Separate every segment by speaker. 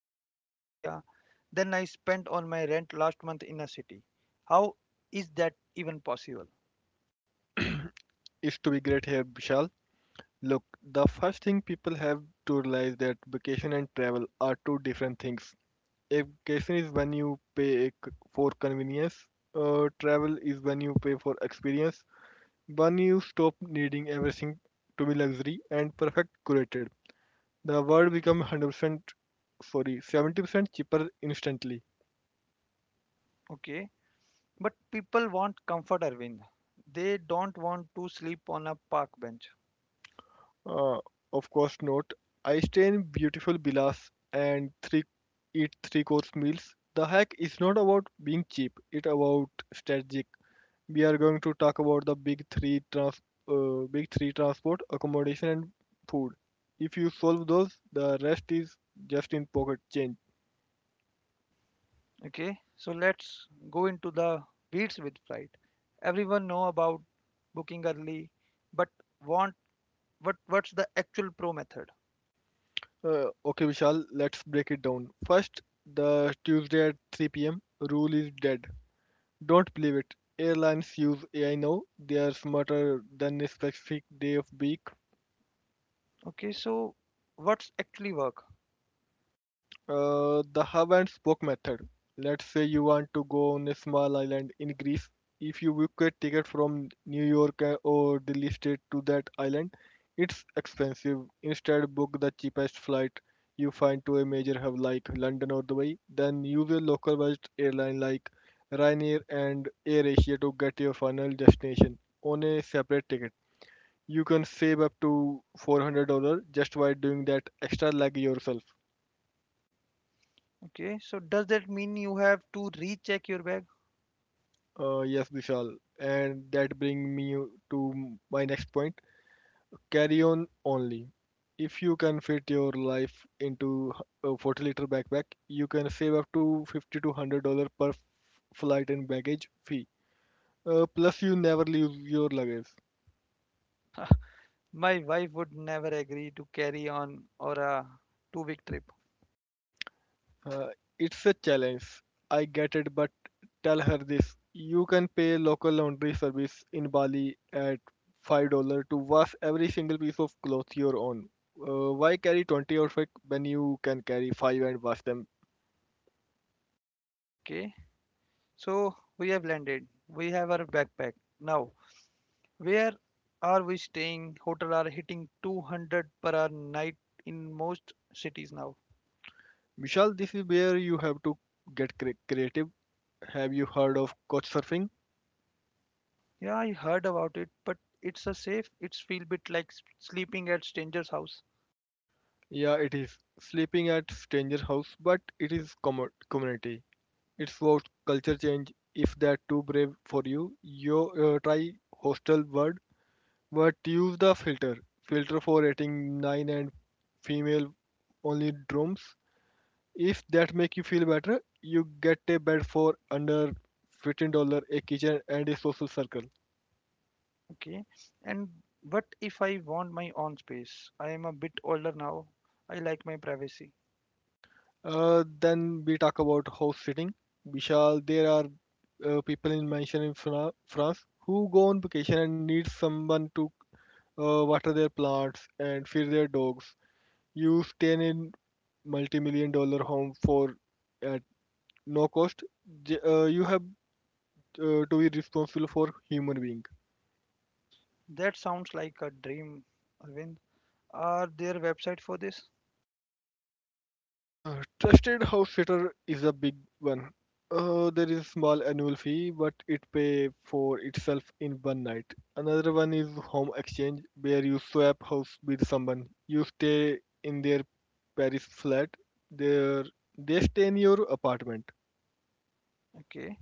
Speaker 1: Southeast Asia than I spent on my rent last month in a city. How is that even possible?
Speaker 2: Is to be great here, Vishal. Look, the first thing people have to realize that vacation and travel are two different things. A vacation is when you pay for convenience. Travel is when you pay for experience. When you stop needing everything to be luxury and perfect curated, the world becomes 100% sorry 70% cheaper instantly.
Speaker 1: Okay. But people want comfort, Arvind. They don't want to sleep on a park bench.
Speaker 2: Uh, of course not. I stay in beautiful villas and three eat three course meals. The hack is not about being cheap, it's about strategic. We are going to talk about the big three: transport, accommodation and food. If you solve those, the rest is just in pocket change.
Speaker 1: Okay, so let's go into the beats with flight. Everyone know about booking early, but want what what's the actual pro method?
Speaker 2: Okay, Vishal, let's break it down. First, the Tuesday at 3 p.m. rule is dead. Don't believe it. Airlines use AI now. They are smarter than a specific day of week.
Speaker 1: Okay, so what's actually work?
Speaker 2: The hub and spoke method. Let's say you want to go on a small island in Greece. If you book a ticket from New York or Delhi State to that island, it's expensive. Instead, book the cheapest flight you find to a major hub like London or Dubai. Then use a localized airline like Ryanair and AirAsia to get your final destination on a separate ticket. You can save up to $400 just by doing that extra leg yourself.
Speaker 1: Okay, so does that mean you have to recheck your bag?
Speaker 2: Yes, Vishal. And that bring me to my next point: carry on only. If you can fit your life into a 40-liter backpack, you can save up to 50 to $100 per flight and baggage fee. Plus, you never lose your luggage.
Speaker 1: My wife would never agree to carry on or a 2-week trip.
Speaker 2: Uh, it's a challenge. I get it, but tell her this. You can pay local laundry service in Bali at $5 to wash every single piece of cloth your own. Why carry 20 outfits when you can carry 5 and wash them?
Speaker 1: Okay, so we have landed. We have our backpack now. Where are we staying? Hotel are hitting 200 per hour night in most cities now.
Speaker 2: Michelle, this is where you have to get creative. Have you heard of couch surfing?
Speaker 1: Yeah, I heard about it, but it's a safe. It's feel bit like sleeping at stranger's house.
Speaker 2: Yeah, it is. Sleeping at stranger's house, but it is commo community. It's what culture change. If that too brave for you, you try hostel word, but use the filter. Filter for rating nine and female only rooms. If that make you feel better, you get a bed for under $15, a kitchen and a social circle.
Speaker 1: Okay. And what if I want my own space? I am a bit older now. I like my privacy.
Speaker 2: Then we talk about house sitting. Vishal, there are people in mansion in France who go on vacation and need someone to water their plants and feed their dogs. You stay in multi-million-dollar home for at no cost. You have to be responsible for human being.
Speaker 1: That sounds like a dream, Arvind. Are there website for this?
Speaker 2: Trusted house sitter is a big one. There is small annual fee, but it pay for itself in one night. Another one is home exchange, where you swap house with someone. You stay in their Paris flat, there they stay in your apartment.
Speaker 1: Okay.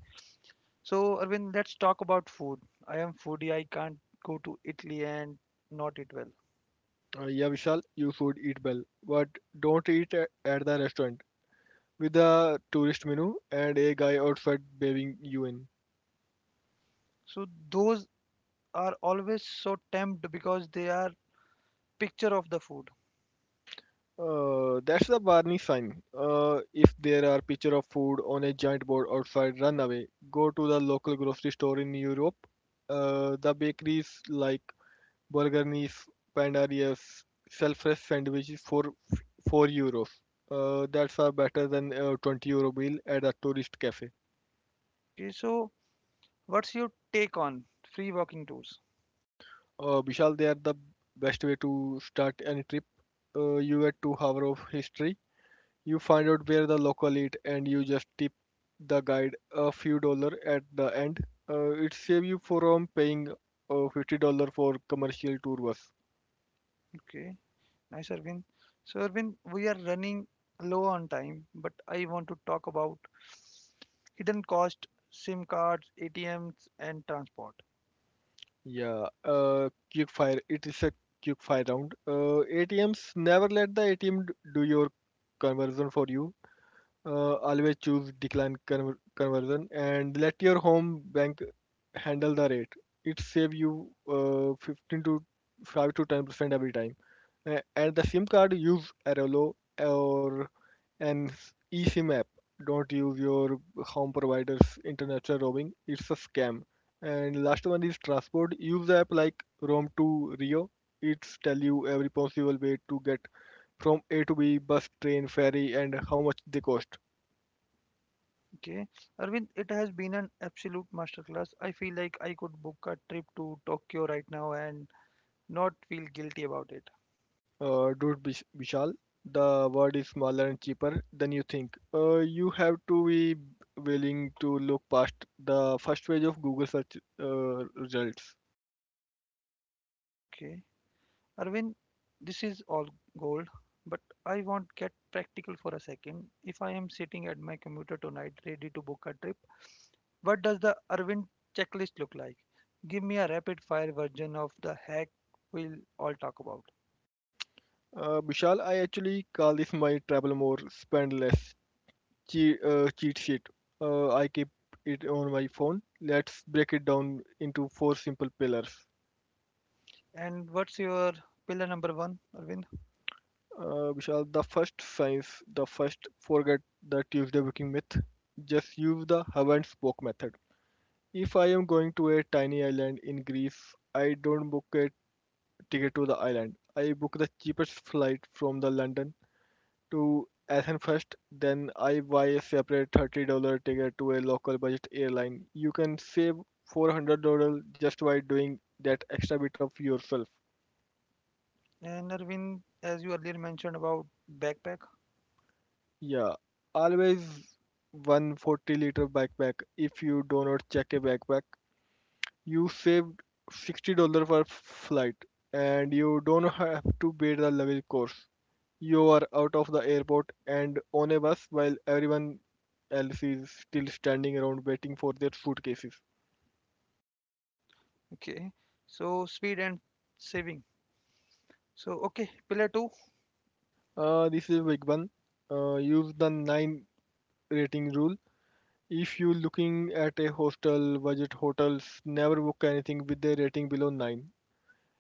Speaker 1: So, Arvind, let's talk about food. I am foodie. I can't go to Italy and not eat well.
Speaker 2: Yeah, Vishal, you should eat well, but don't eat at the restaurant with a tourist menu and a guy outside waving you in.
Speaker 1: So those are always so tempted because they are picture of the food.
Speaker 2: That's the warning sign. If there are picture of food on a giant board outside, run away. Go to the local grocery store in Europe. The bakeries like Burger Nice, Pandarius sell fresh sandwiches for f- 4 euros. That's better than a 20 euro bill at a tourist cafe.
Speaker 1: Okay, so what's your take on free walking tours?
Speaker 2: Vishal, they are the best way to start any trip. You get to hour of history. You find out where the local eat, and you just tip the guide a few dollar at the end. It save you from paying $50 for commercial tour bus.
Speaker 1: Okay, nice Arvind. So Arvind, we are running low on time, but I want to talk about hidden cost, SIM cards, ATMs, and transport.
Speaker 2: Yeah. Quick fire. It is a quick fire round. ATMs never let the ATM do your conversion for you. Always choose decline conversion and let your home bank handle the rate. It save you uh, 15 to 5 to 10 percent every time. And the SIM card, use Arelo or an eSIM app. Don't use your home provider's international roaming. It's a scam. And last one is transport. Use app like Roam to Rio. It's tell you every possible way to get from A to B: bus, train, ferry, and how much they cost.
Speaker 1: Okay, Arvind, it has been an absolute masterclass. I feel like I could book a trip to Tokyo right now and not feel guilty about it.
Speaker 2: Dude, Vishal, the world is smaller and cheaper than you think. You have to be willing to look past the first page of Google search results.
Speaker 1: Okay. Arvind, this is all gold, but I won't get practical for a second. If I am sitting at my computer tonight, ready to book a trip, what does the Arvind checklist look like? Give me a rapid fire version of the hack we'll all talk about.
Speaker 2: Vishal, I actually call this my travel more, spend less, cheat sheet. I keep it on my phone. Let's break it down into four simple pillars.
Speaker 1: And what's your pillar number one, Arvind?
Speaker 2: Vishal, the first science, the first forget the Tuesday booking myth. Just use the haven't spoke method. If I am going to a tiny island in Greece, I don't book a ticket to the island. I book the cheapest flight from the London to Athens first, then I buy a separate $30 ticket to a local budget airline. You can save $400 just by doing that extra bit of yourself.
Speaker 1: And Arvind, as you earlier mentioned about backpack,
Speaker 2: Yeah, always one 40 liter backpack. If you do not check a backpack you saved $60 per flight, and you don't have to pay the luggage course. You are out of the airport and on a bus while everyone else is still standing around waiting for their suitcases.
Speaker 1: okay, so speed and saving. So, okay, pillar two.
Speaker 2: This is big one. Use the nine rating rule. If you're looking at a hostel, budget hotels, never book anything with a rating below nine.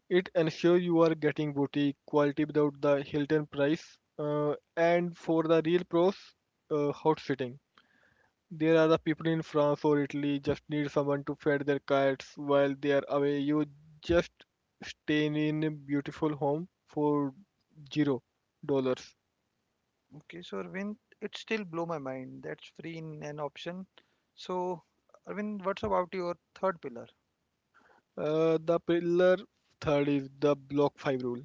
Speaker 2: It ensures you are getting boutique quality without the Hilton price. And for the real pros, hot sitting. There are the people in France or Italy just need someone to feed their cats while they are away. You just stay in a beautiful home for $0.
Speaker 1: Okay, so Arvind, it still blow my mind. That's free in an option. So, Arvind, what's about your third pillar?
Speaker 2: The pillar third is the block five rule.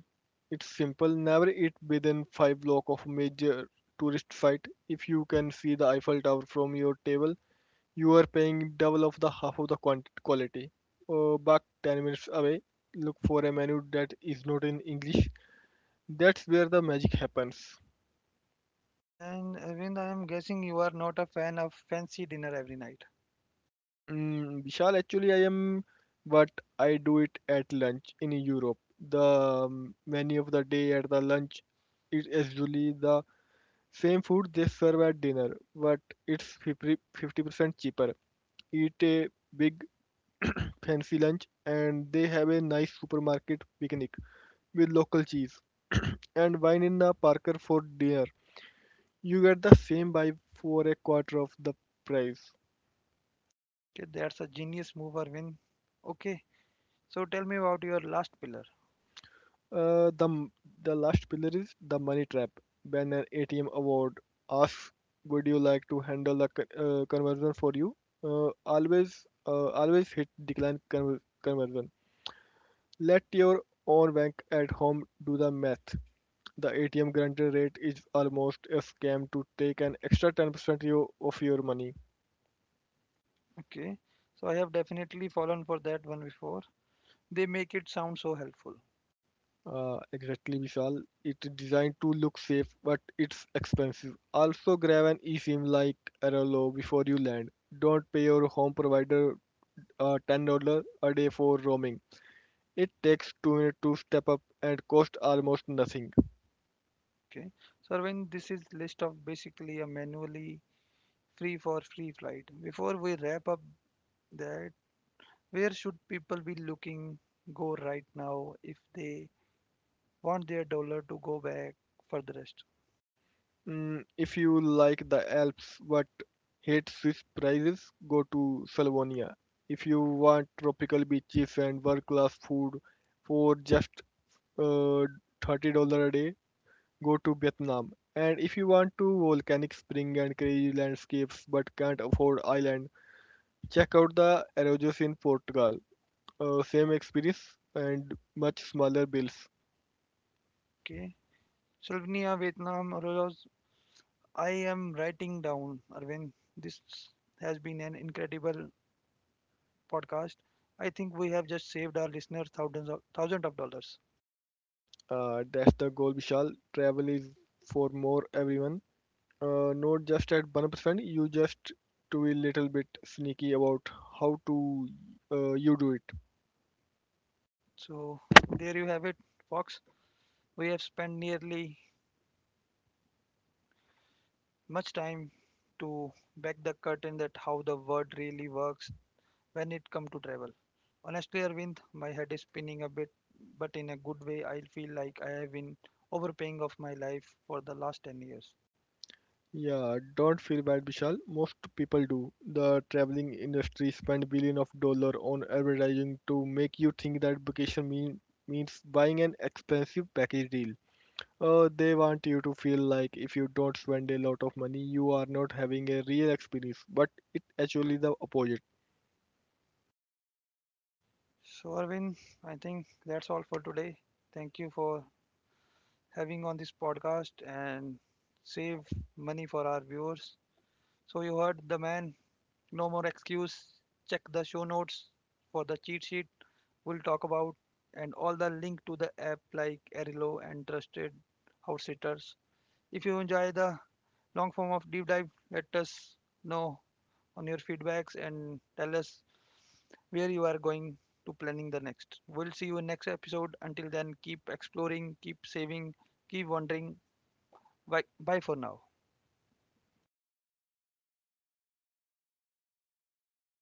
Speaker 2: It's simple. Never eat within five block of major tourist site. If you can see the Eiffel Tower from your table, you are paying double of the half of the quality. Back 10 minutes away, look for a menu that is not in English. That's where the magic happens.
Speaker 1: And Arvind, I am guessing you are not a fan of fancy dinner every night.
Speaker 2: Mm, Vishal, actually, I am, but I do it at lunch in Europe. The menu of the day at the lunch is usually the same food they serve at dinner, but it's 50, 50% cheaper. Eat a big fancy lunch and they have a nice supermarket picnic with local cheese and wine in a Parker for dinner. You get the same vibe for a quarter of the price.
Speaker 1: Okay, that's a genius move, Arvind. Okay, so tell me about your last pillar.
Speaker 2: Uh, the the last pillar is the money trap. When an ATM award asks, "Would you like to handle the conversion for you?" Uh, always Always hit decline conversion. Let your own bank at home do the math. The ATM granted rate is almost a scam to take an extra 10% of your money.
Speaker 1: Okay, so I have definitely fallen for that one before. They make it sound so helpful.
Speaker 2: Exactly, Vishal. It's designed to look safe, but it's expensive. Also, grab an eSIM like Arelo before you land. Don't pay your home provider $10 a day for roaming. It takes 2 minutes to step up and costs almost nothing.
Speaker 1: Okay, so Arvind, this is list of basically a manually free for free flight. Before we wrap up that, where should people be looking go right now if they want their dollar to go back for the rest?
Speaker 2: Mm, if you like the Alps but hate Swiss prices, go to Slavonia. If you want tropical beaches and world-class food for just uh, $30 a day, go to Vietnam. And if you want to volcanic spring and crazy landscapes but can't afford island, check out the Arroyos in Portugal. Same experience and much smaller bills.
Speaker 1: Okay. Slovenia, Vietnam, Rolos, I am writing down, Arvind. This has been an incredible podcast. I think we have just saved our listeners thousands of dollars.
Speaker 2: That's the goal, Vishal. Travel is for more everyone. Not just at 1%, you just to be little bit sneaky about how to you do it.
Speaker 1: So there you have it, Fox. We have spent nearly much time to back the curtain that how the world really works when it comes to travel. Honestly, Arvind, my head is spinning a bit, but in a good way. I feel like I have been overpaying of my life for the last 10 years.
Speaker 2: Yeah, don't feel bad, Vishal. Most people do. The traveling industry spend billion of dollar on advertising to make you think that means buying an expensive package deal. They want you to feel like if you don't spend a lot of money, you are not having a real experience. But it actually the opposite.
Speaker 1: So, Arvind, I think that's all for today. Thank you for having on this podcast and save money for our viewers. So, you heard the man. No more excuse. Check the show notes for the cheat sheet we'll talk about and all the link to the app like Arilo and Trusted House Sitters. If you enjoy the long form of deep dive. Let us know on your feedbacks and tell us where you are going to planning the next. We'll see you in next episode. Until then, keep exploring, keep saving, keep wondering. Bye, bye for now.